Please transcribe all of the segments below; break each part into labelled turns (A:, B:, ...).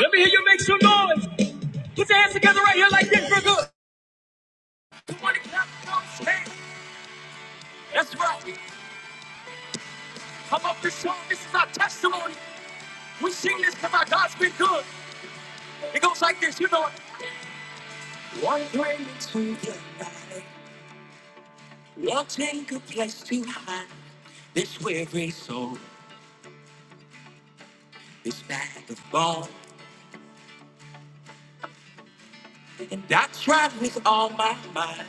A: Let me hear you make some noise. Put your hands together right here like this for good. Somebody clap your hands. That's right. Come up this song. This is our testimony. We sing this because our God's been good. It goes like this, you know it. One way to the night, wanting a place to hide. This weary soul, this bag of bone. And I tried with all my might.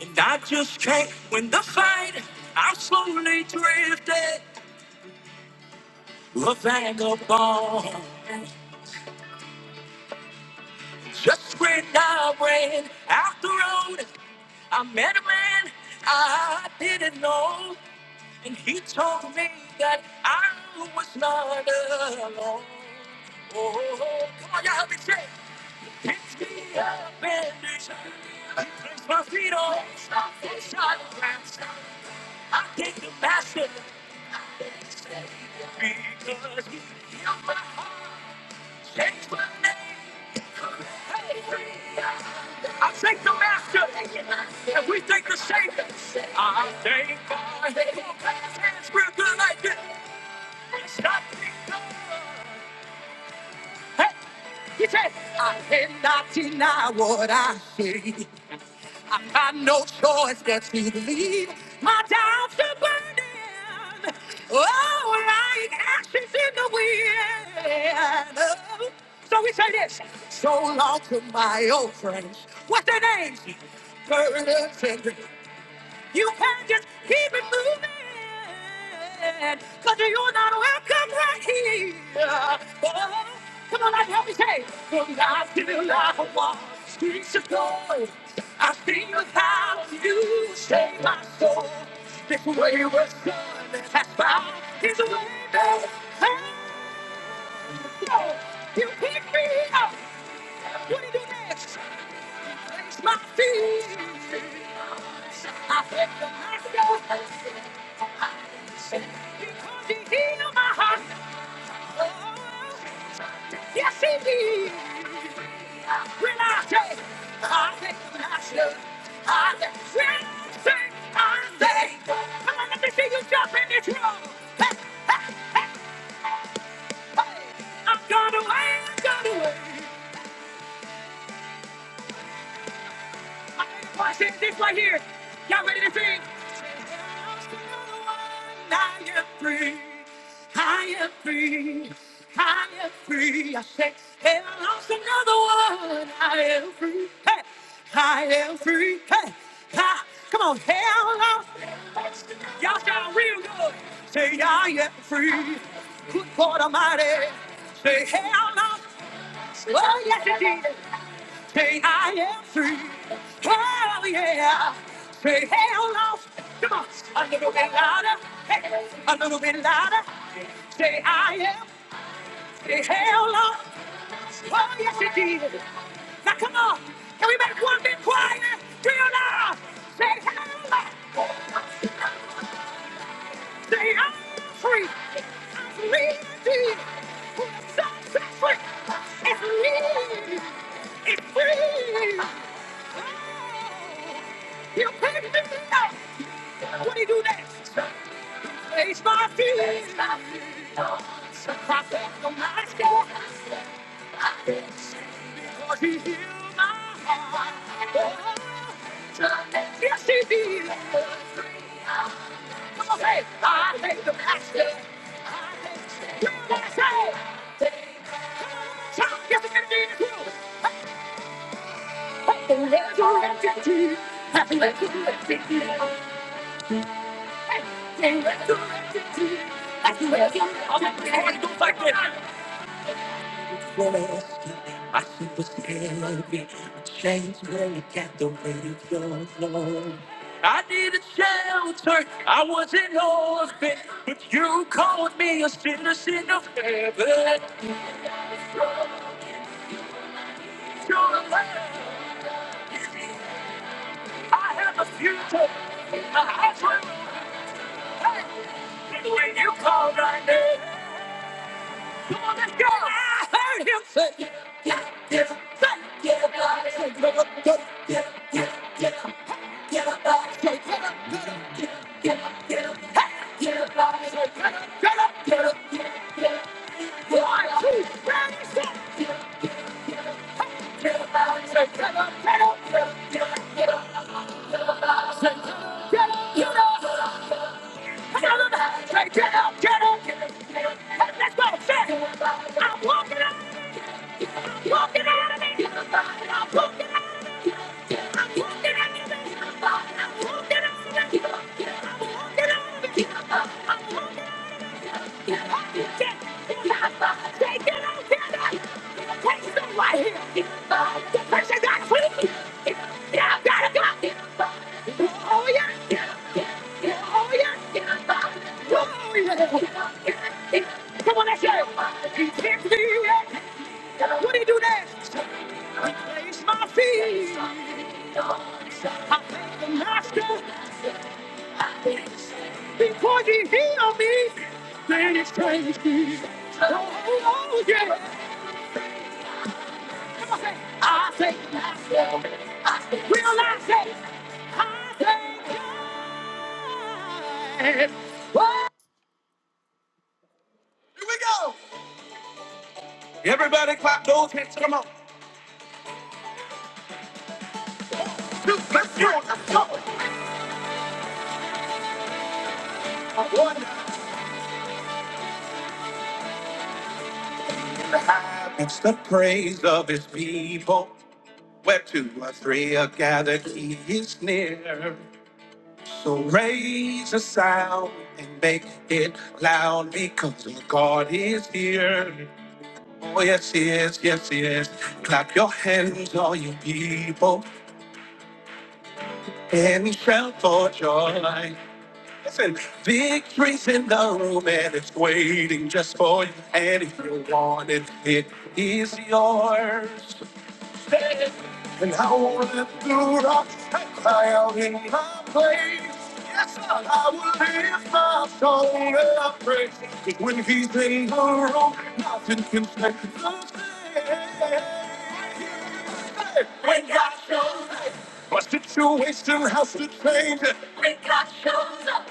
A: And I just can't win the fight. I slowly drifted. a vagabond. Just when I ran out the road, I met a man I didn't know, and he told me that I was not alone. Oh, come on, y'all help me say, picked me up and lifts me up. he placed my feet on solid ground. I thank the master because he healed my heart, changed my name. Hey, I thank the Master, and we thank the Savior. I thank God. for on, clap your hands real good like this. It's not me, God. Hey, he said, I cannot deny what I see. I've got no choice but to believe my doubts are burning. Oh, like ashes in the wind. So we say this. So long to my old friends. What's their names? Burdens and griefs. You can't just keep it moving. Cause you're not welcome right here. Oh, come on, like help me say. From God's giving life a walk, streets of gold. I feel the power of you save my soul. This way was good, that's fine. He's a way back. Oh, You pick me up. What do you do next? Place my feet. I think the master. Because he healed my heart. Oh, yes, he did. When I say, I think I should. I think, when I say, I think. Come on, let me see you jump in this room. Hey, hey, hey, hey. I'm gonna win, gonna win. Watch this, this right here. Y'all ready to sing? I am free. I am free. I am free. I say, there lost another one. I am free. Hey, I am free. Hey, ha. Come on, hell lost. Y'all sound real good. Say, I am free. Good God Almighty. Say, hell lost. Well, yes, indeed. Say I am free. Hell yeah. Say hell no. Come on. A little bit louder. Hey, a little bit louder. Say I am. Say hell no. Oh yes it did. Now come on. Can we make one bit quieter? Do you know? Say hell no. Say I'm free. I'm free indeed. Who the sun sets free. It's me. It's free. He'll pick me up. What do you do next? Raise my feelings. Cross off the mask. Cause he healed my heart. Yes, he did. Come on, say, I hate the master. You want to say, shout, yes, it is. Happy resurrected Jesus. Happy resurrected Jesus. I see what's ahead of me. A change, Chains you got the weight of your love. I needed shelter. I was in orbit, but you called me a citizen of heaven. You're a legend. I have a future. My eyes were open when you called my name. Come on, let's go. I heard him say, yeah, yeah, yeah, yeah, body shake, yeah, yeah, yeah, yeah, yeah, Hey, yeah, body shake, yeah, yeah, yeah, yeah, Hey, yeah, body shake, yeah, yeah, yeah, yeah, yeah, yeah. One, two, ready, set. Yeah, yeah, body shake, yeah, yeah, yeah, yeah, yeah, yeah, body shake, yeah, yeah, you know. Come on, let's shake, yeah, yeah, yeah, yeah, yeah. Hey, let's go, set. I'm walking out. Come on, that's it. What do you do next? Raise my feet. I thank the master because he healed me. Then it's crazy. Oh, oh, yeah. I thank the master. I thank- Here we go. Everybody clap those hands. Come on. To the Lord. It's the praise of his people. Where two or three are gathered, he is near. So raise a sound and make it loud because the God is here. Oh, yes, he is. Yes, he is. Clap your hands, all you people, and shout for joy. Listen, victory's in the room and it's waiting just for you. And if you want it, it is yours. Say it. When God shows up, when God shows up,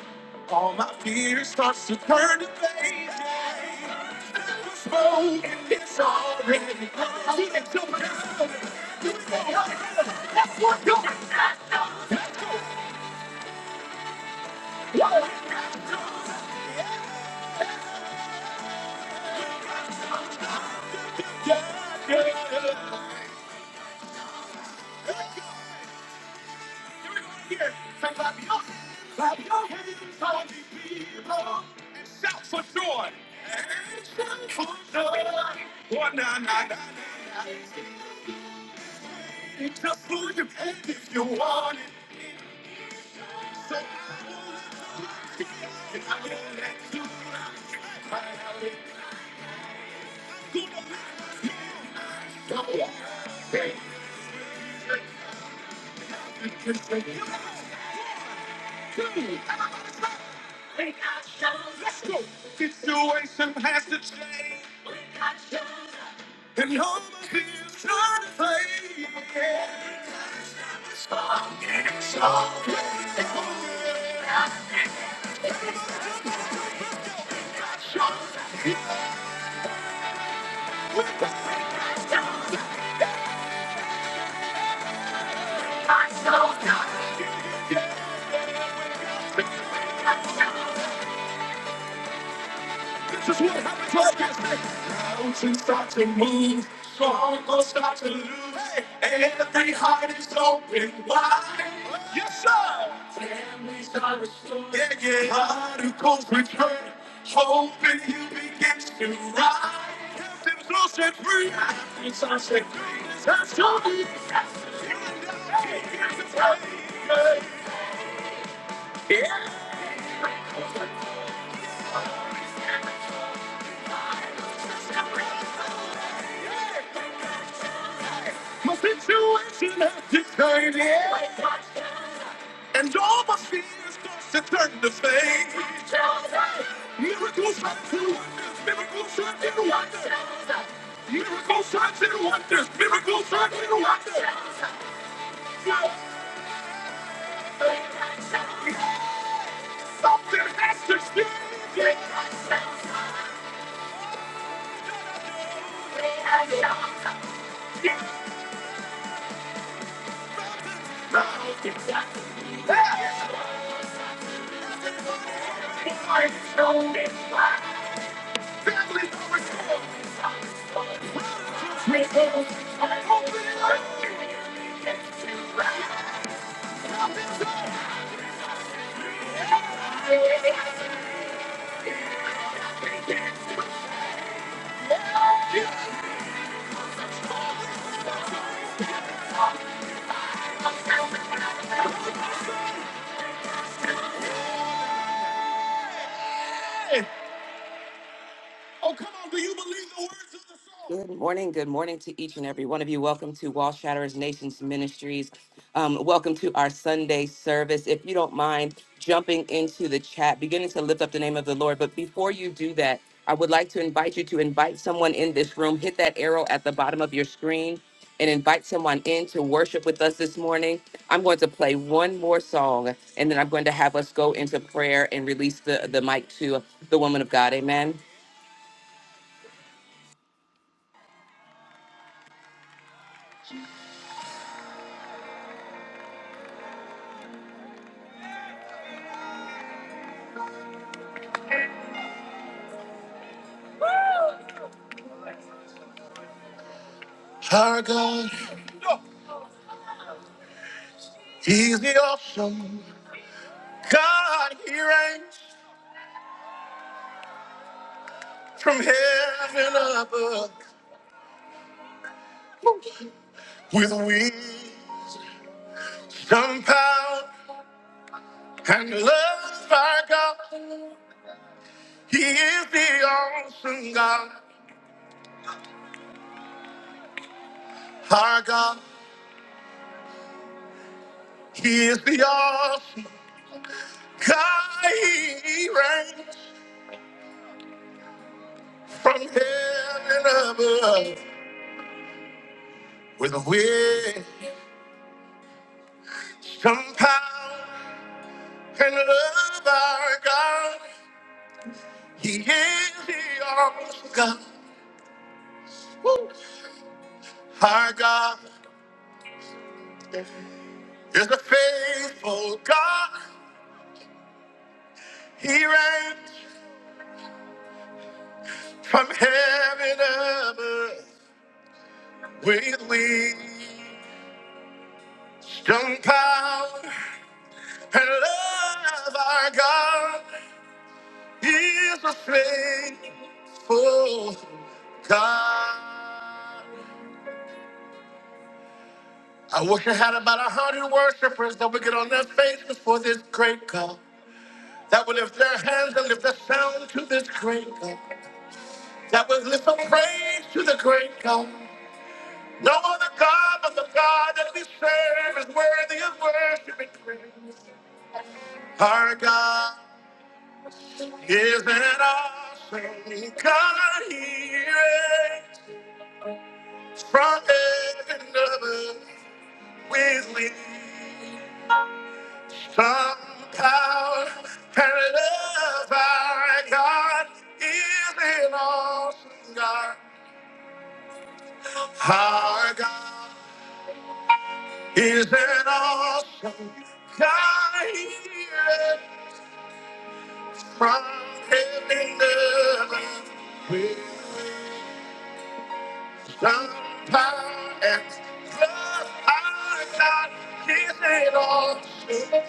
A: situation is over. Families are restored. It's our second. It's our story. Yeah. Something has to change. Good morning. Good morning to each and every one of you. Welcome to Wall Shatterers Nations Ministries. Um, welcome to our Sunday service. If you don't mind jumping into the chat, beginning to lift up the name of the Lord. But before you do that, I would like to invite you to invite someone in this room. Hit that arrow at the bottom of your screen and invite someone in to worship with us this morning. I'm going to play one more song and then I'm going to have us go into prayer and release the, the mic to the woman of God. Amen. Our God, He's the awesome. God, he reigns from heaven above with wisdom, power, and love. Our God, he is the awesome God. Our God, he is the awesome God. He reigns from heaven above with wisdom, power, and love. Our God, faithful and love. Our God. He's a faithful God. I wish I had about a hundred worshipers that would get on their faces for this great God. That would lift their hands and lift a sound to this great God. That would lift a praise to the great God. No other God but the God that we serve is worthy of worshiping. Our God is an awesome God. He reigns from heaven above. with me. Some power and love, our God is an awesome God. Our God is an awesome God. He is from heaven to earth with some power and love. Our God is an awesome God.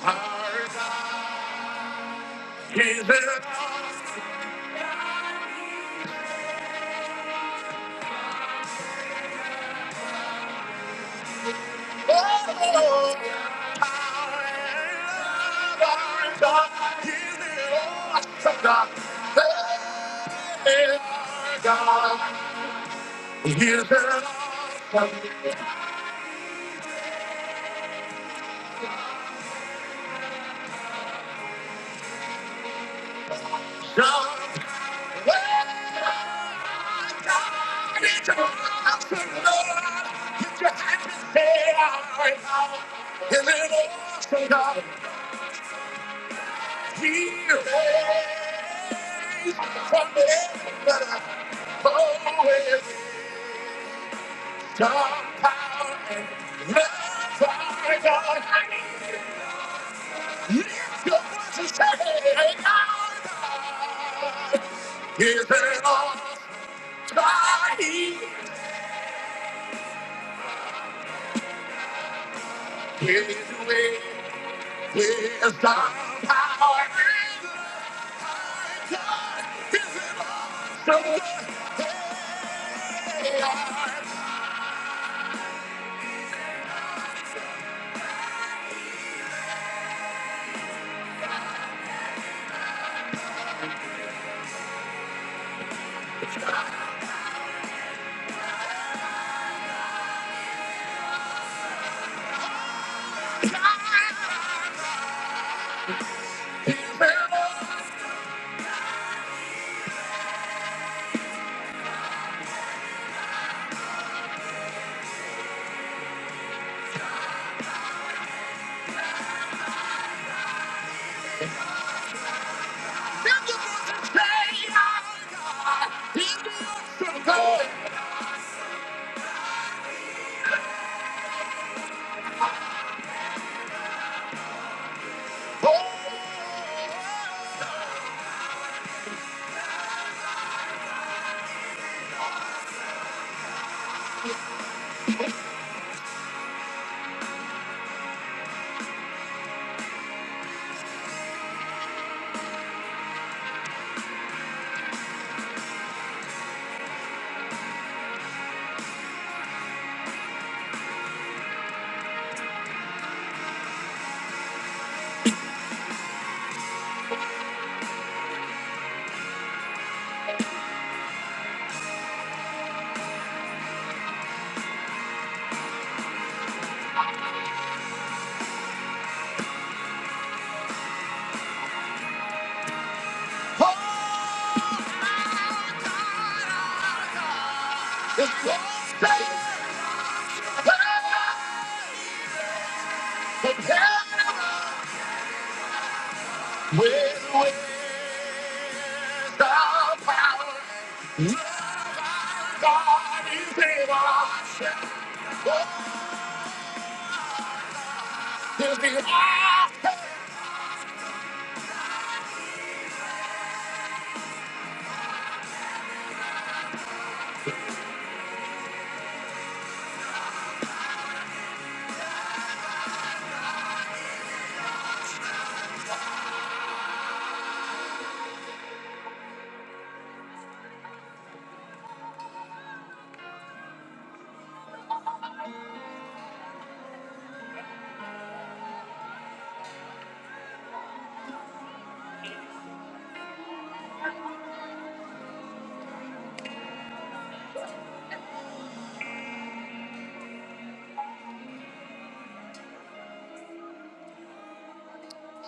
A: Our God is an awesome Here from the end, but I'm always Dark power, and love are gone. Lift your voice and say, hey, God, is it all God? He is with wisdom, power, and love."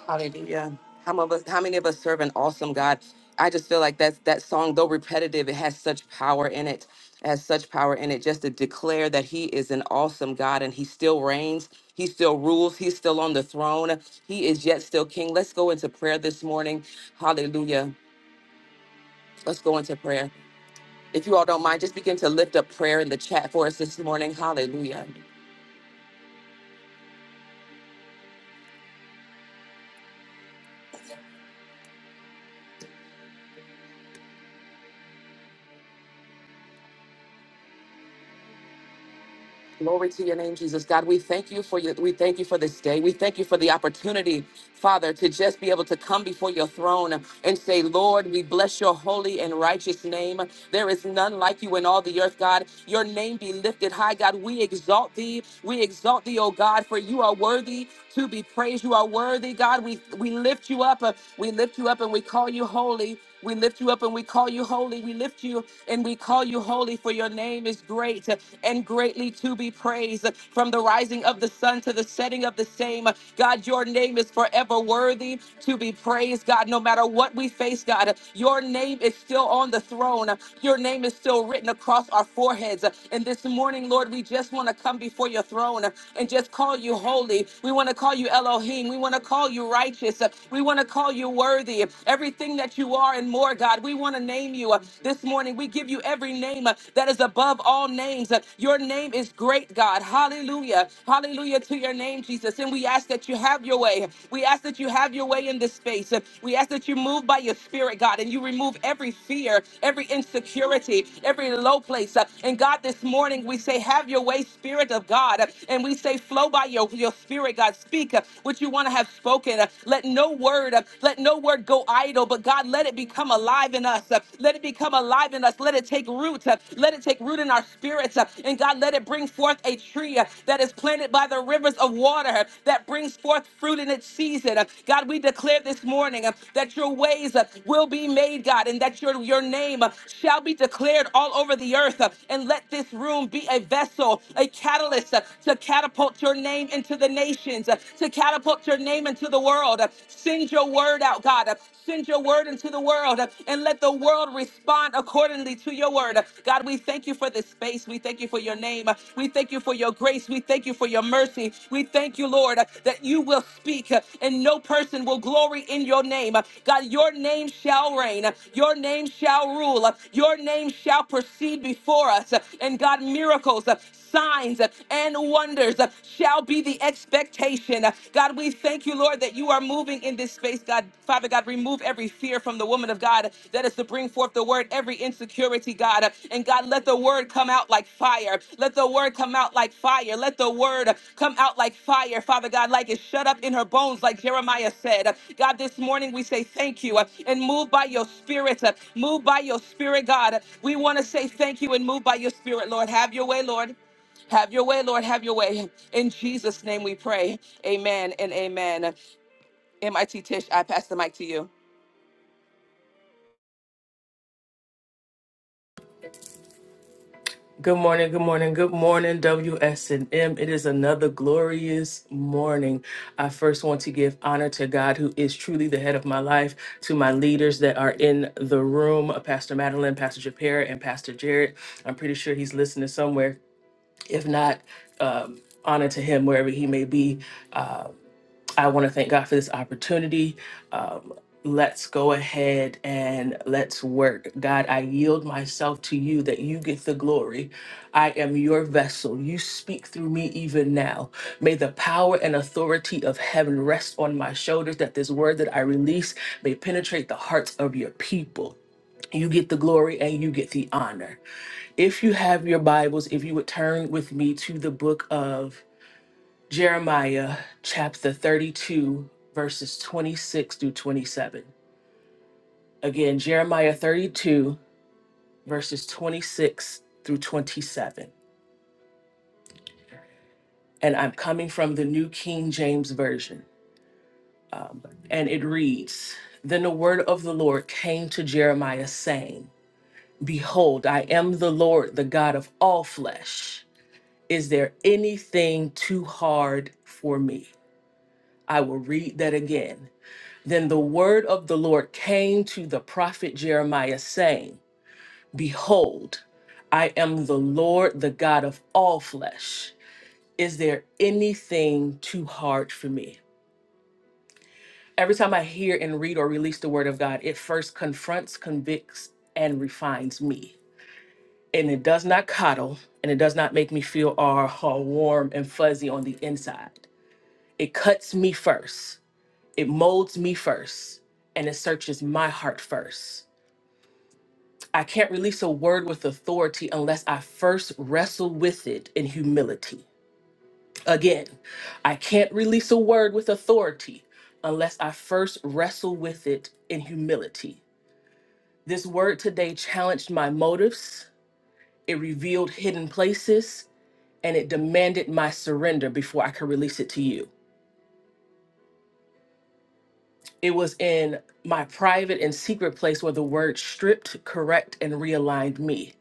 A: Hallelujah. How many, of us, how many of us serve an awesome God? I just feel like that's that song, though repetitive, it has such power in it. It has such power in it just to declare that He is an awesome God and He still reigns. He still rules. He's still on the throne. He is yet still King. Let's go into prayer this morning. Hallelujah. Let's go into prayer. If you all don't mind, just begin to lift up prayer in the chat for us this morning. Hallelujah. Glory to your name, Jesus. God, we thank you for your, we thank you for this day. We thank you for the opportunity, Father, to just be able to come before your throne and say, Lord, we bless your holy and righteous name. There is none like you in all the earth, God. Your name be lifted high, God. We exalt thee. We exalt thee, O God, for you are worthy to be praised. You are worthy, God. We we lift you up. Uh, We lift you up and we call you holy. We lift you up and we call you holy. We lift you and we call you holy, for your name is great and greatly to be praised. From the rising of the sun to the setting of the same, God, your name is forever worthy to be praised, God. No matter what we face, God, your name is still on the throne. Your name is still written across our foreheads. And this morning, Lord, we just want to come before your throne and just call you holy. We want to call you Elohim. We want to call you righteous. We want to call you worthy worthy, everything that you are and more, God. We want to name you uh, this morning. We give you every name uh, that is above all names. Uh, Your name is great, God. Hallelujah. Hallelujah to your name, Jesus. And we ask that you have your way. We ask that you have your way in this space. Uh, We ask that you move by your spirit, God, and you remove every fear, every insecurity, every low place. Uh, And God, this morning we say, have your way, Spirit of God. Uh, And we say, flow by your, your spirit, God. Speak uh, what you want to have spoken spoken. Uh, Let no word, uh, let no word go idle, but God, let it become alive in us. Uh, Let it become alive in us. Let it take root. Uh, Let it take root in our spirits. Uh, And God, let it bring forth a tree uh, that is planted by the rivers of water uh, that brings forth fruit in its season. Uh, God, we declare this morning uh, that your ways uh, will be made, God, and that your, your name uh, shall be declared all over the earth. Uh, And let this room be a vessel, a catalyst uh, to catapult your name into the nations hands uh, to catapult your name into the world. Uh, Send your word out, God. Uh, Send your word into the world uh, and let the world respond accordingly to your word. Uh, God, we thank you for this space. We thank you for your name. Uh, We thank you for your grace. We thank you for your mercy. We thank you, Lord, uh, that you will speak uh, and no person will glory in your name. Uh, God, your name shall reign. Uh, Your name shall rule. Uh, Your name shall proceed before us. Uh, And God, miracles, uh, signs and wonders shall be the expectation. God, we thank you, Lord, that you are moving in this space. God, Father God, remove every fear from the woman of God that is to bring forth the word, every insecurity, God. And God, let the word come out like fire. Let the word come out like fire. Let the word come out like fire, Father God, like it's shut up in her bones, like Jeremiah said. God, this morning we say thank you uh, and move by your spirit. Uh, Move by your spirit, God. We want to say thank you and move by your spirit, Lord. Have your way, Lord. Have your way, Lord. Have your way. In Jesus' name we pray. Amen and amen. MIT Tish, I pass the mic to you.
B: Good morning, good morning, good morning, W S and M. It is another glorious morning. I first want to give honor to God, who is truly the head of my life, to my leaders that are in the room uh, Pastor Madeline, Pastor Japera, and Pastor Jared. I'm pretty sure he's listening somewhere. If not, um, honor to him wherever he may be. Uh, I want to thank God for this opportunity. Um, let's go ahead and let's work. God, I yield myself to you that you get the glory. I am your vessel. You speak through me even now. May the power and authority of heaven rest on my shoulders, that this word that I release may penetrate the hearts of your people. You get the glory and you get the honor. If you have your Bibles, if you would turn with me to the book of Jeremiah chapter 32, verses 26 through 27. Again, Jeremiah 32, verses 26 through 27. And I'm coming from the New King James Version. Um, and it reads Then the word of the Lord came to Jeremiah, saying, Behold, I am the Lord, the God of all flesh. Is there anything too hard for me? I will read that again. Then the word of the Lord came to the prophet Jeremiah, saying, Behold, I am the Lord, the God of all flesh. Is there anything too hard for me? Every time I hear and read or release the word of God, it first confronts, convicts, and refines me. And it does not coddle, and it does not make me feel all, all warm and fuzzy on the inside. It cuts me first, it molds me first, and it searches my heart first I can't release a word with authority unless I first wrestle with it in humility. Again, I can't release a word with authority unless I first wrestle with it in humility. This word today challenged my motives, it revealed hidden places, and it demanded my surrender before I could release it to you. It was in my private and secret place where the word stripped, correct, and realigned me.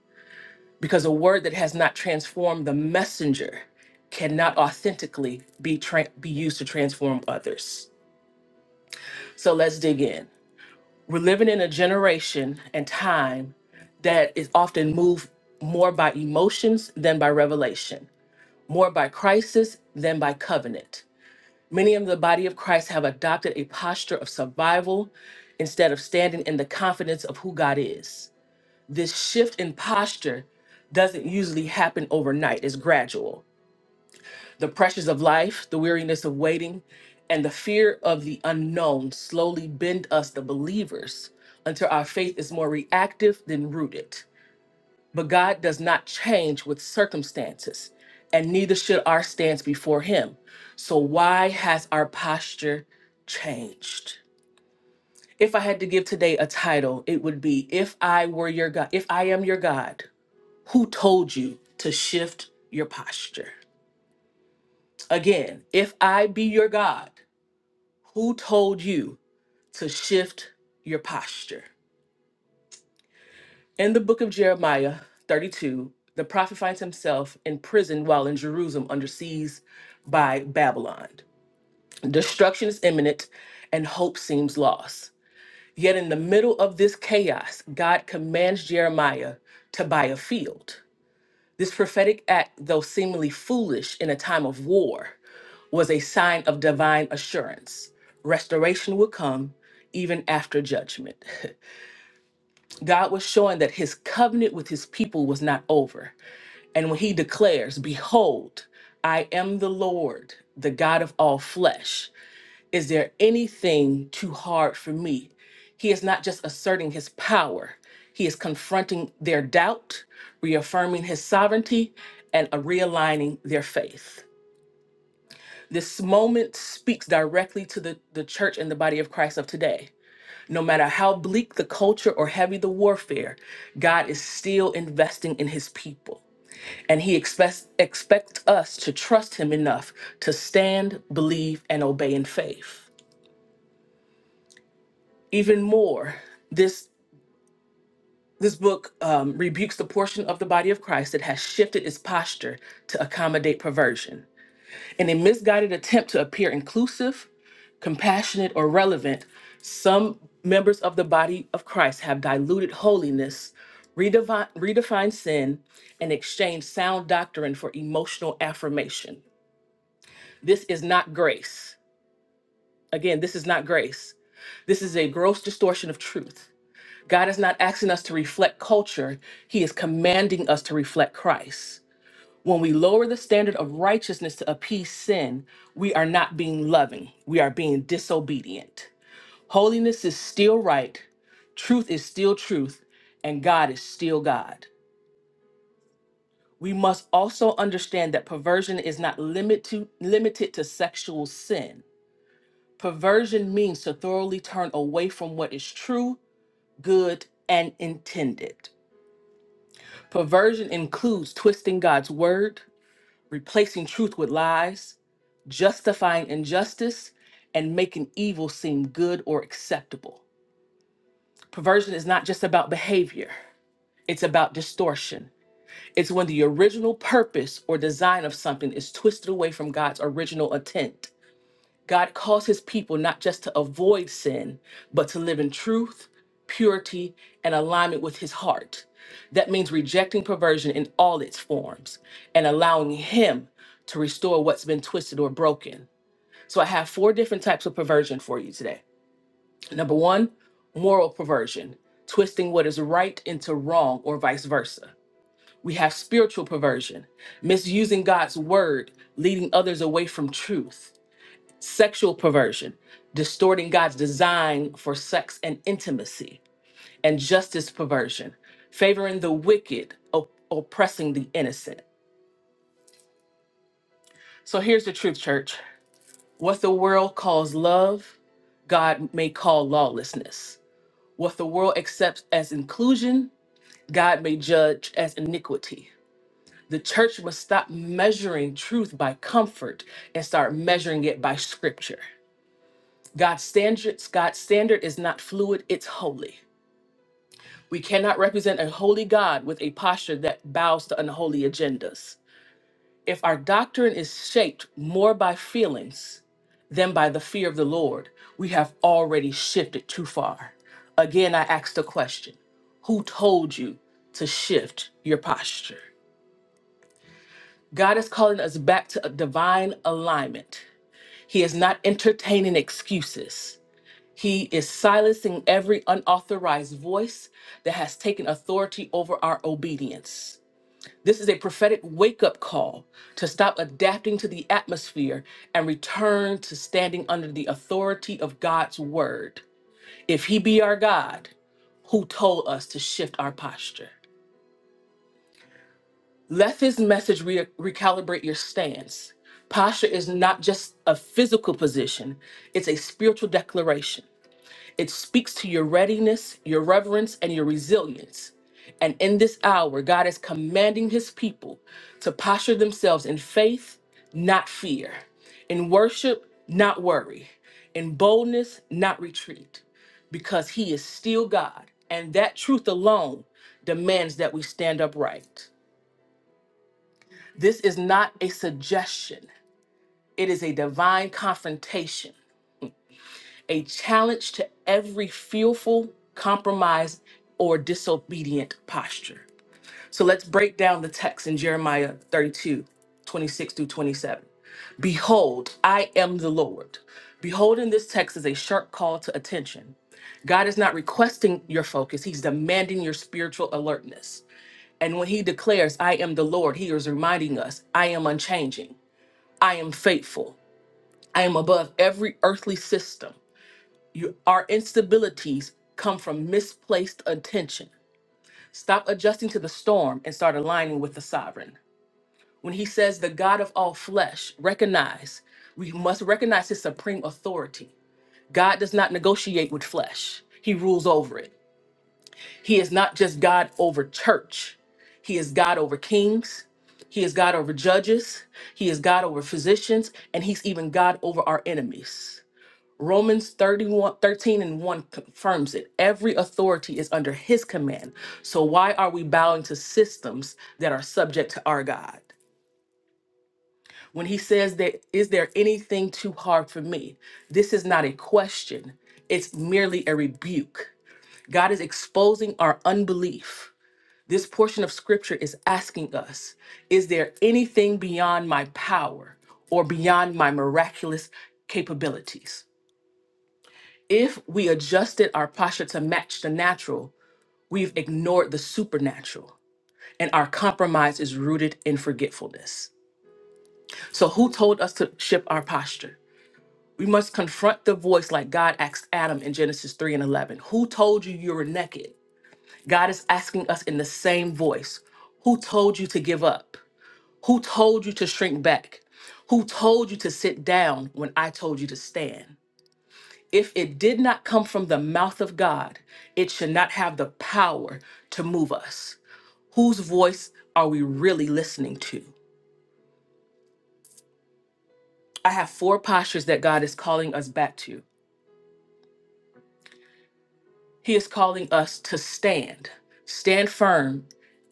B: because a word that has not transformed the messenger cannot authentically be tra- be used to transform others. So let's dig in. We're living in a generation and time that is often moved more by emotions than by revelation, more by crisis than by covenant. Many in the body of Christ have adopted a posture of survival instead of standing in the confidence of who God is. This shift in posture doesn't usually happen overnight, it's gradual. The pressures of life, the weariness of waiting, and the fear of the unknown slowly bend us, the believers, until our faith is more reactive than rooted. But God does not change with circumstances, and neither should our stance before Him. So, why has our posture changed? If I had to give today a title, it would be If I Were Your God, If I Am Your God, Who Told You to Shift Your Posture? Again, if I be your God, Who told you to shift your posture? In the book of Jeremiah 32, the prophet finds himself in prison while in Jerusalem under siege by Babylon. Destruction is imminent and hope seems lost. Yet, in the middle of this chaos, God commands Jeremiah to buy a field. This prophetic act, though seemingly foolish in a time of war, was a sign of divine assurance. Restoration would come even after judgment. God was showing that his covenant with his people was not over. And when he declares, Behold, I am the Lord, the God of all flesh, is there anything too hard for me? He is not just asserting his power, he is confronting their doubt, reaffirming his sovereignty, and uh, realigning their faith. This moment speaks directly to the, the church and the body of Christ of today. No matter how bleak the culture or heavy the warfare, God is still investing in his people. And he expects, expects us to trust him enough to stand, believe, and obey in faith. even more this this book um, rebukes the portion of the body of christ that has shifted its posture to accommodate perversion in a misguided attempt to appear inclusive compassionate or relevant some members of the body of christ have diluted holiness redevi- redefined sin and exchanged sound doctrine for emotional affirmation this is not grace again this is not grace this is a gross distortion of truth God is not asking us to reflect culture, He is commanding us to reflect Christ. When we lower the standard of righteousness to appease sin, we are not being loving, we are being disobedient. Holiness is still right, truth is still truth, and God is still God. We must also understand that perversion is not limit to, limited to sexual sin. Perversion means to thoroughly turn away from what is true, good, and intended. Perversion includes twisting God's word, replacing truth with lies, justifying injustice, and making evil seem good or acceptable. Perversion is not just about behavior, it's about distortion. It's when the original purpose or design of something is twisted away from God's original intent. God calls his people not just to avoid sin, but to live in truth, purity, and alignment with his heart. That means rejecting perversion in all its forms and allowing him to restore what's been twisted or broken. So I have four different types of perversion for you today. Number one, moral perversion, twisting what is right into wrong or vice versa. We have spiritual perversion, misusing God's word, leading others away from truth sexual perversion, distorting God's design for sex and intimacy, and justice perversion, favoring the wicked, op- oppressing the innocent. So here's the truth, church. What the world calls love, God may call lawlessness. What the world accepts as inclusion, God may judge as iniquity. The church must stop measuring truth by comfort and start measuring it by scripture. God's standards, God's standard is not fluid, it's holy. We cannot represent a holy God with a posture that bows to unholy agendas. If our doctrine is shaped more by feelings than by the fear of the Lord, we have already shifted too far. Again, I ask the question Who told you to shift your posture? God is calling us back to a divine alignment. He is not entertaining excuses. He is silencing every unauthorized voice that has taken authority over our obedience. This is a prophetic wake up call to stop adapting to the atmosphere and return to standing under the authority of God's word. If He be our God, who told us to shift our posture? Let His message re- recalibrate your stance. Posture is not just a physical position, it's a spiritual declaration. It speaks to your readiness, your reverence, and your resilience. And in this hour, God is commanding his people to posture themselves in faith, not fear, in worship, not worry, in boldness, not retreat, because he is still God. And that truth alone demands that we stand upright. This is not a suggestion, it is a divine confrontation a challenge to every fearful, compromised, or disobedient posture. So let's break down the text in Jeremiah 32:26 through 27. Behold, I am the Lord. Behold, in this text is a sharp call to attention. God is not requesting your focus, He's demanding your spiritual alertness. And when He declares, I am the Lord, He is reminding us, I am unchanging, I am faithful, I am above every earthly system. You, our instabilities come from misplaced attention. Stop adjusting to the storm and start aligning with the sovereign. When he says the God of all flesh, recognize, we must recognize his supreme authority. God does not negotiate with flesh, he rules over it. He is not just God over church, he is God over kings, he is God over judges, he is God over physicians, and he's even God over our enemies. Romans 31 13 and 1 confirms it. Every authority is under his command. So why are we bowing to systems that are subject to our God? When he says that, is there anything too hard for me? This is not a question, it's merely a rebuke. God is exposing our unbelief. This portion of scripture is asking us, is there anything beyond my power or beyond my miraculous capabilities? If we adjusted our posture to match the natural, we've ignored the supernatural, and our compromise is rooted in forgetfulness. So, who told us to shift our posture? We must confront the voice like God asked Adam in Genesis 3 and 11. Who told you you were naked? God is asking us in the same voice Who told you to give up? Who told you to shrink back? Who told you to sit down when I told you to stand? If it did not come from the mouth of God, it should not have the power to move us. Whose voice are we really listening to? I have four postures that God is calling us back to. He is calling us to stand, stand firm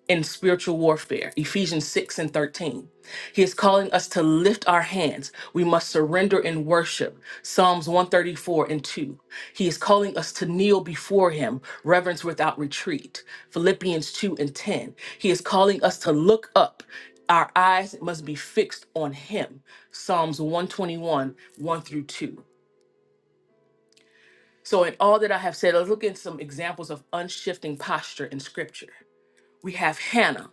B: in spiritual warfare, Ephesians 6 and 13. He is calling us to lift our hands. We must surrender in worship, Psalms 134 and 2. He is calling us to kneel before him, reverence without retreat, Philippians 2 and 10. He is calling us to look up. Our eyes must be fixed on him, Psalms 121, 1 through 2. So, in all that I have said, let's look at some examples of unshifting posture in scripture we have Hannah.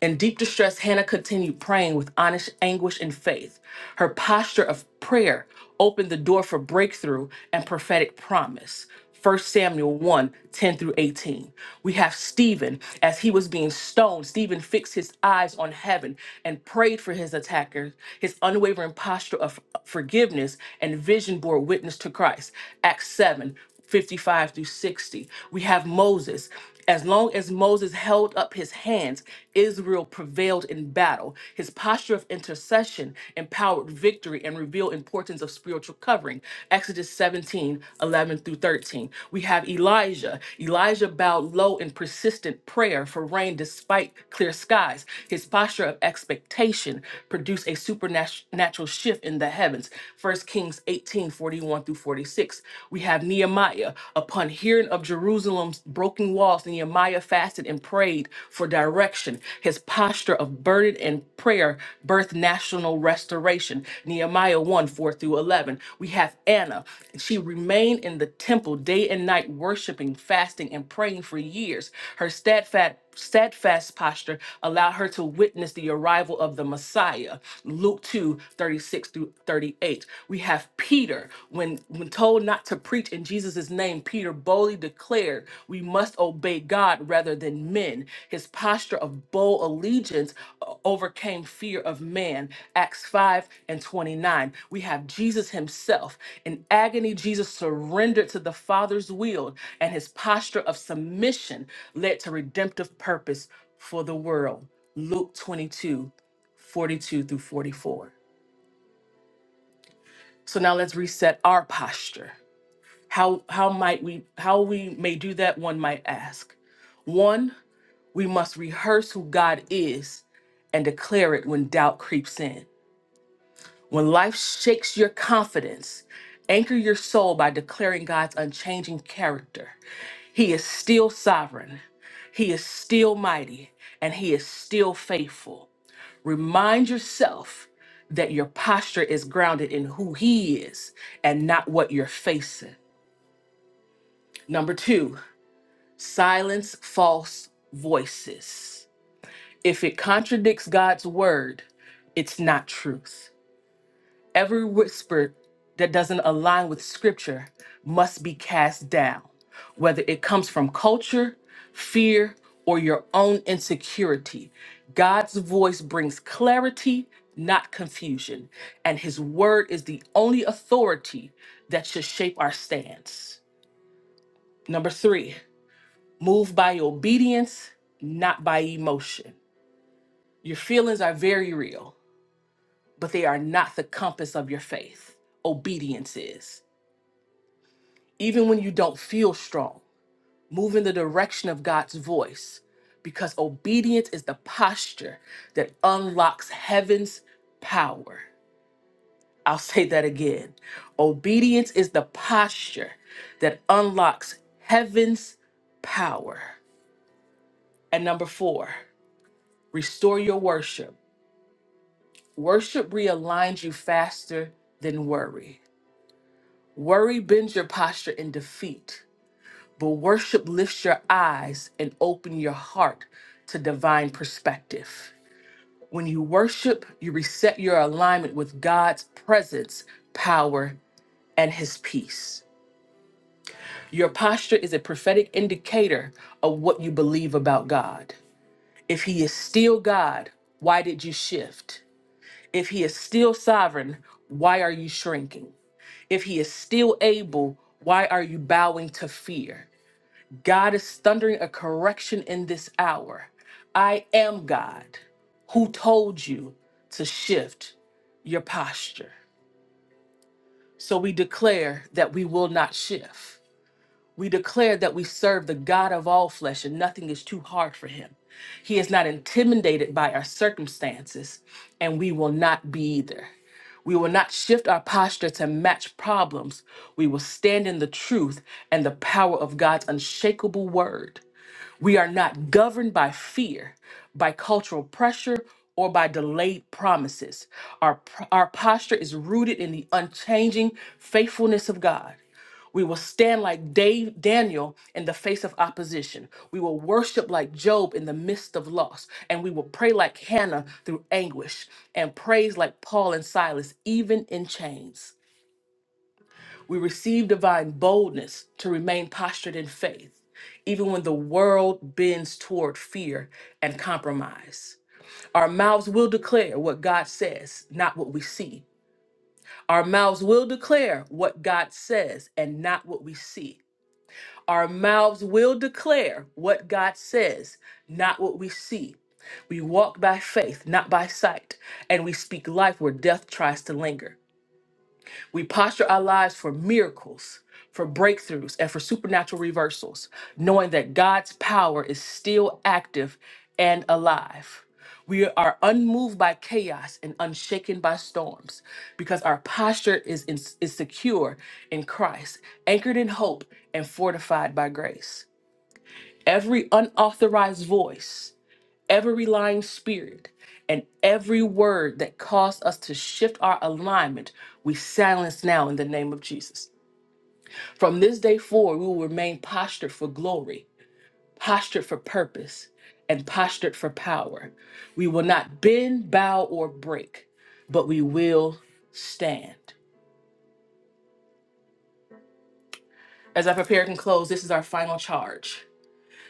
B: In deep distress, Hannah continued praying with honest anguish and faith. Her posture of prayer opened the door for breakthrough and prophetic promise. First Samuel one 10 through 18. We have Stephen. As he was being stoned, Stephen fixed his eyes on heaven and prayed for his attackers. His unwavering posture of forgiveness and vision bore witness to Christ. Acts 7 55 through 60. We have Moses. As long as Moses held up his hands, Israel prevailed in battle. His posture of intercession empowered victory and revealed importance of spiritual covering. Exodus 17 11 through 13. We have Elijah. Elijah bowed low in persistent prayer for rain despite clear skies. His posture of expectation produced a supernatural shift in the heavens. First Kings 18 41 through 46. We have have Nehemiah, upon hearing of Jerusalem's broken walls, Nehemiah fasted and prayed for direction. His posture of burden and prayer birthed national restoration. Nehemiah 1 4 through 11. We have Anna. She remained in the temple day and night, worshiping, fasting, and praying for years. Her steadfast steadfast posture allowed her to witness the arrival of the Messiah. Luke 2:36 through 38. We have Peter, when, when told not to preach in Jesus' name, Peter boldly declared, We must obey God rather than men. His posture of bold allegiance uh, overcame fear of man. Acts 5 and 29. We have Jesus himself. In agony, Jesus surrendered to the Father's will, and his posture of submission led to redemptive purpose for the world. Luke 22, 42 through 44. So now let's reset our posture. How, how might we how we may do that one might ask. One we must rehearse who God is and declare it when doubt creeps in. When life shakes your confidence, anchor your soul by declaring God's unchanging character. He is still sovereign, He is still mighty, and He is still faithful. Remind yourself that your posture is grounded in who He is and not what you're facing. Number two, silence false voices. If it contradicts God's word, it's not truth. Every whisper that doesn't align with scripture must be cast down, whether it comes from culture, fear, or your own insecurity. God's voice brings clarity, not confusion, and his word is the only authority that should shape our stance. Number three, move by obedience, not by emotion. Your feelings are very real. but they are not the compass of your faith. Obedience is. Even when you don't feel strong, move in the direction of God's voice because obedience is the posture that unlocks heaven's power. I'll say that again. Obedience is the posture that unlocks heaven's power. And number four, restore your worship. Worship realigns you faster than worry. Worry bends your posture in defeat, but worship lifts your eyes and open your heart to divine perspective. When you worship, you reset your alignment with God's presence, power, and his peace. Your posture is a prophetic indicator of what you believe about God. If he is still God, why did you shift? If he is still sovereign, why are you shrinking? If he is still able, why are you bowing to fear? God is thundering a correction in this hour. I am God who told you to shift your posture. So we declare that we will not shift. We declare that we serve the God of all flesh and nothing is too hard for him. He is not intimidated by our circumstances, and we will not be either. We will not shift our posture to match problems. We will stand in the truth and the power of God's unshakable word. We are not governed by fear, by cultural pressure, or by delayed promises. Our, our posture is rooted in the unchanging faithfulness of God. We will stand like Dave, Daniel in the face of opposition. We will worship like Job in the midst of loss. And we will pray like Hannah through anguish and praise like Paul and Silas, even in chains. We receive divine boldness to remain postured in faith, even when the world bends toward fear and compromise. Our mouths will declare what God says, not what we see. Our mouths will declare what God says and not what we see. Our mouths will declare what God says, not what we see. We walk by faith, not by sight, and we speak life where death tries to linger. We posture our lives for miracles, for breakthroughs, and for supernatural reversals, knowing that God's power is still active and alive. We are unmoved by chaos and unshaken by storms because our posture is, in- is secure in Christ, anchored in hope, and fortified by grace. Every unauthorized voice, every lying spirit and every word that caused us to shift our alignment, we silence now in the name of Jesus. From this day forward, we will remain postured for glory, postured for purpose, and postured for power. We will not bend, bow, or break, but we will stand. As I prepare and close, this is our final charge.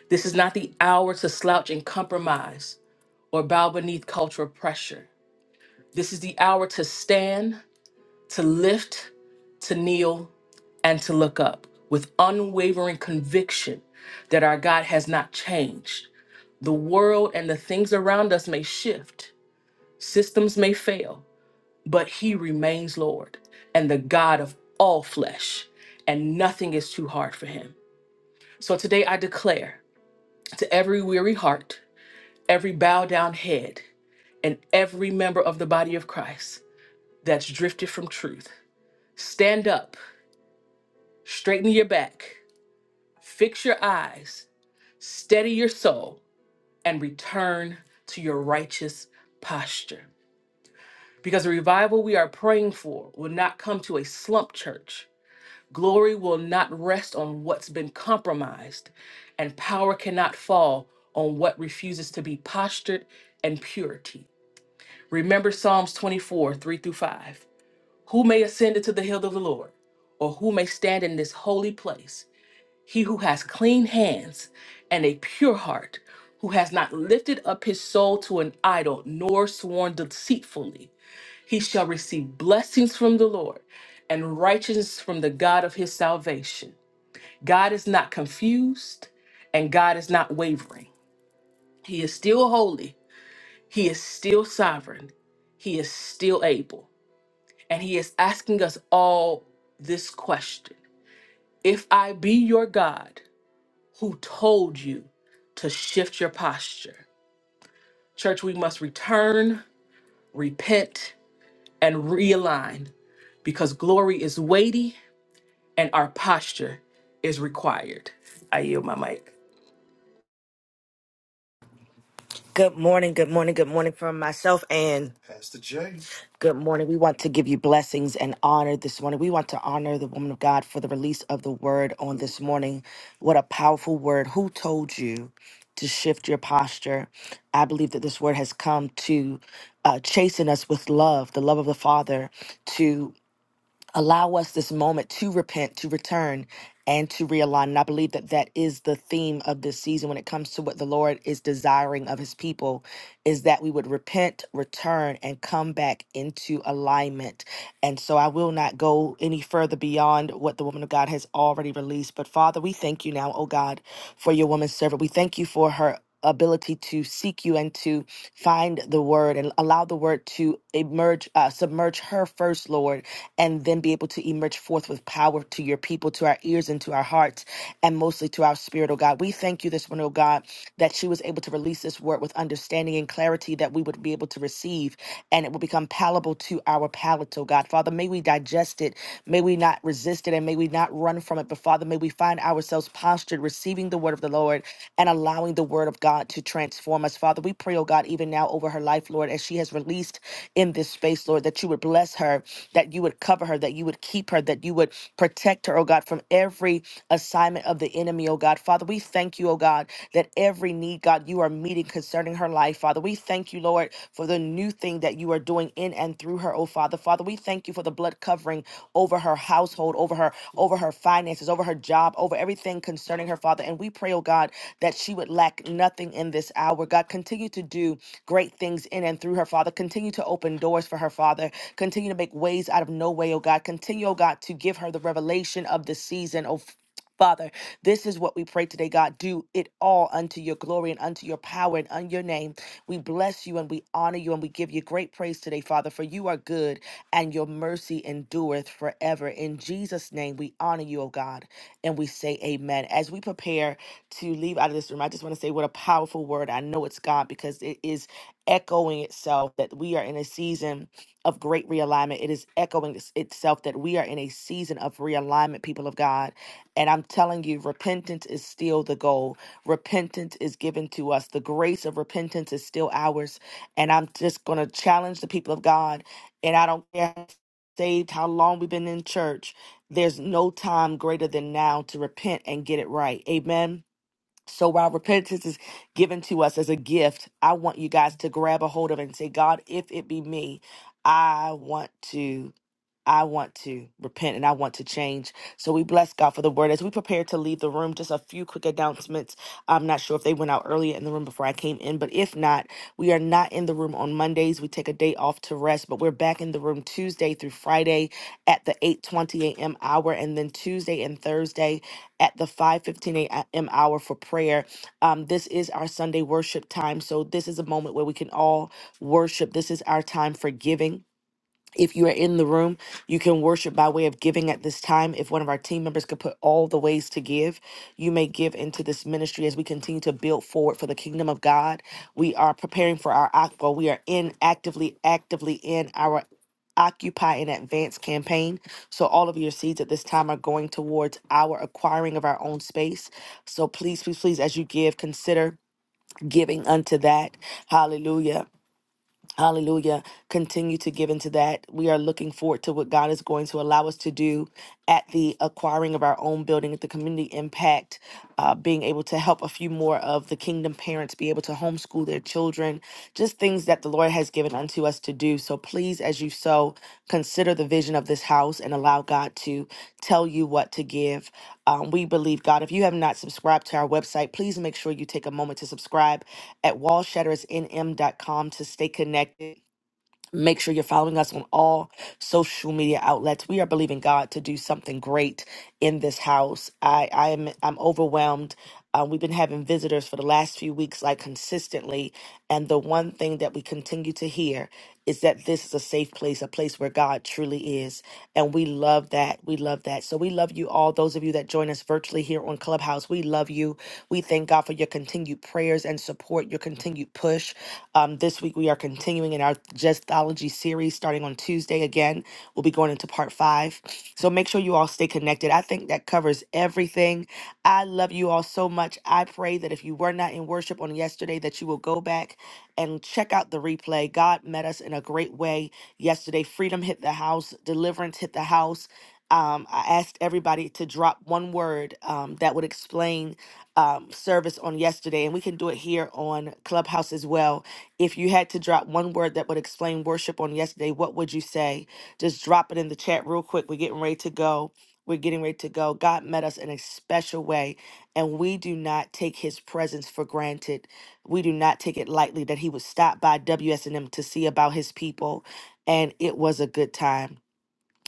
B: This is not the hour to slouch and compromise or bow beneath cultural pressure. This is the hour to stand to lift, to kneel, and to look up with unwavering conviction that our God has not changed. The world and the things around us may shift, systems may fail, but He remains Lord and the God of all flesh, and nothing is too hard for Him. So today I declare to every weary heart, every bowed down head, and every member of the body of Christ that's drifted from truth. Stand up, Straighten your back, fix your eyes, steady your soul, and return to your righteous posture. Because the revival we are praying for will not come to a slump church. Glory will not rest on what's been compromised, and power cannot fall on what refuses to be postured and purity. Remember Psalms 24, 3 through 5. Who may ascend into the hill of the Lord, or who may stand in this holy place? He who has clean hands and a pure heart, who has not lifted up his soul to an idol nor sworn deceitfully, he shall receive blessings from the Lord and righteousness from the God of his salvation. God is not confused and God is not wavering. He is still holy, he is still sovereign, he is still able. And he is asking us all this question If I be your God, who told you to shift your posture. Church, we must return, repent, and realign because glory is weighty and our posture is required. I yield my mic.
C: Good morning, good morning, good morning from myself, and good morning. We want to give you blessings and honor this morning. We want to honor the woman of God for the release of the word on this morning. What a powerful word. Who told you to shift your posture? I believe that this word has come to uh, chasten us with love, the love of the Father, allow us this moment to repent, to return, and to realign. And I believe that that is the theme of this season when it comes to what the Lord is desiring of his people is that we would repent, return, and come back into alignment. And so I will not go any further beyond what the woman of God has already released. But Father, we thank you now, oh God, for your woman servant. We thank you for her ability to seek you and to find the word and allow the word to emerge uh, submerge her first lord and then be able to emerge forth with power to your people to our ears and to our hearts and mostly to our spirit oh god we thank you this morning oh god that she was able to release this word with understanding and clarity that we would be able to receive and it will become palatable to our palate oh god father may we digest it may we not resist it and may we not run from it but Father, may we find ourselves postured, receiving the word of the Lord and allowing the word of God to transform us. Father, we pray, oh God, even now over her life, Lord, as she has released in this space, Lord, that you would bless her, that you would cover her, that you would keep her, that you would protect her, oh God, from every assignment of the enemy, oh God. Father, we thank you, oh God, that every need, God, you are meeting concerning her life, Father. We thank you, Lord, for the new thing that you are doing in and through her, oh Father. Father, we thank you for the blood covering over her household, over her, over her finances, over her job, over everything concerning her, Father. And we pray, oh God, that she would lack nothing in this hour. God, continue to do great things in and through her, Father. Continue to open doors for her, Father. Continue to make ways out of no way, oh God. Continue, oh God, to give her the revelation of the season, oh Father, this is what we pray today, God. Do it all unto your glory and unto your power and unto your name. We bless you and we honor you and we give you great praise today, Father, for you are good and your mercy endureth forever. In Jesus' name, we honor you, O God, and we say amen. As we prepare to leave out of this room, I just want to say what a powerful word. I know it's God because it is echoing itself that we are in a season of great realignment. It is echoing its- itself that we are in a season of realignment, people of God. And I'm telling you, repentance is still the goal. Repentance is given to us. The grace of repentance is still ours. And I'm just going to challenge the people of God and I don't care how saved how long we've been in church. There's no time greater than now to repent and get it right. Amen. So while repentance is given to us as a gift, I want you guys to grab a hold of it and say, God, if it be me, I want to. I want to repent and I want to change. So we bless God for the word. As we prepare to leave the room, just a few quick announcements. I'm not sure if they went out earlier in the room before I came in, but if not, we are not in the room on Mondays. We take a day off to rest, but we're back in the room Tuesday through Friday at the 8:20 a.m. hour, and then Tuesday and Thursday at the 5:15 a.m. hour for prayer. Um, this is our Sunday worship time, so this is a moment where we can all worship. This is our time for giving. If you are in the room, you can worship by way of giving at this time. If one of our team members could put all the ways to give, you may give into this ministry as we continue to build forward for the kingdom of God. We are preparing for our aqua. We are in actively, actively in our Occupy in Advance campaign. So, all of your seeds at this time are going towards our acquiring of our own space. So, please, please, please, as you give, consider giving unto that. Hallelujah. Hallelujah. Continue to give into that. We are looking forward to what God is going to allow us to do at the acquiring of our own building, at the community impact, uh, being able to help a few more of the kingdom parents be able to homeschool their children, just things that the Lord has given unto us to do. So please, as you sow, consider the vision of this house and allow God to tell you what to give. Um, we believe God. If you have not subscribed to our website, please make sure you take a moment to subscribe at wallshattersnm.com to stay connected. Make sure you're following us on all social media outlets. We are believing God to do something great in this house. I, I am I'm overwhelmed. Um, we've been having visitors for the last few weeks, like consistently, and the one thing that we continue to hear is that this is a safe place, a place where God truly is, and we love that. We love that. So we love you all. Those of you that join us virtually here on Clubhouse, we love you. We thank God for your continued prayers and support, your continued push. Um, this week, we are continuing in our Jestology series starting on Tuesday. Again, we'll be going into part five. So make sure you all stay connected. I think that covers everything. I love you all so much. I pray that if you were not in worship on yesterday, that you will go back and check out the replay. God met us in a great way yesterday. Freedom hit the house, deliverance hit the house. Um, I asked everybody to drop one word um, that would explain um, service on yesterday, and we can do it here on Clubhouse as well if you had to drop one word that would explain worship on yesterday, what would you say? Just drop it in the chat real quick. We're getting ready to go. We're getting ready to go. God met us in a special way, and we do not take his presence for granted. We do not take it lightly that he would stop by WSNM to see about his people, and it was a good time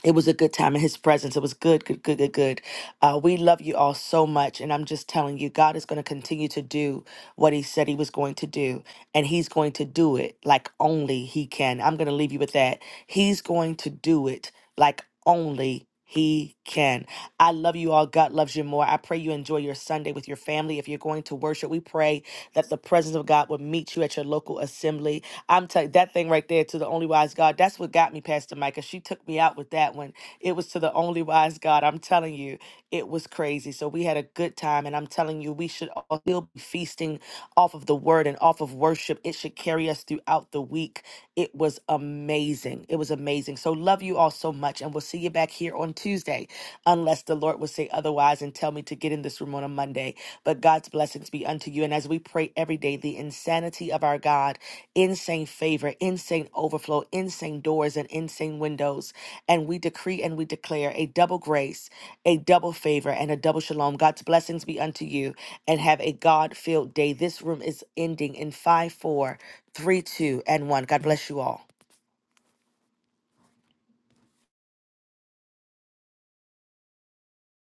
C: it was a good time in his presence. It was good, good, good, good, good. Uh, we love you all so much. And I'm just telling you, God is going to continue to do what he said he was going to do. And he's going to do it like only he can. I'm going to leave you with that. He's going to do it like only he can. I love you all. God loves you more. I pray you enjoy your Sunday with your family. If you're going to worship, we pray that the presence of God will meet you at your local assembly. I'm telling that thing right there to the only wise God. That's what got me, Pastor Micah. She took me out with that one. It was to the only wise God. I'm telling you, it was crazy. So we had a good time, and I'm telling you, we should all still be feasting off of the word and off of worship. It should carry us throughout the week. It was amazing. It was amazing. So love you all so much, and we'll see you back here on Tuesday, unless the Lord will say otherwise and tell me to get in this room on a Monday. But God's blessings be unto you. And as we pray every day, the insanity of our God, insane favor, insane overflow, insane doors, and insane windows. And we decree and we declare a double grace, a double favor, and a double shalom. God's blessings be unto you. And have a God filled day. This room is ending in 5, 4, 3, 2, and 1. God bless you all.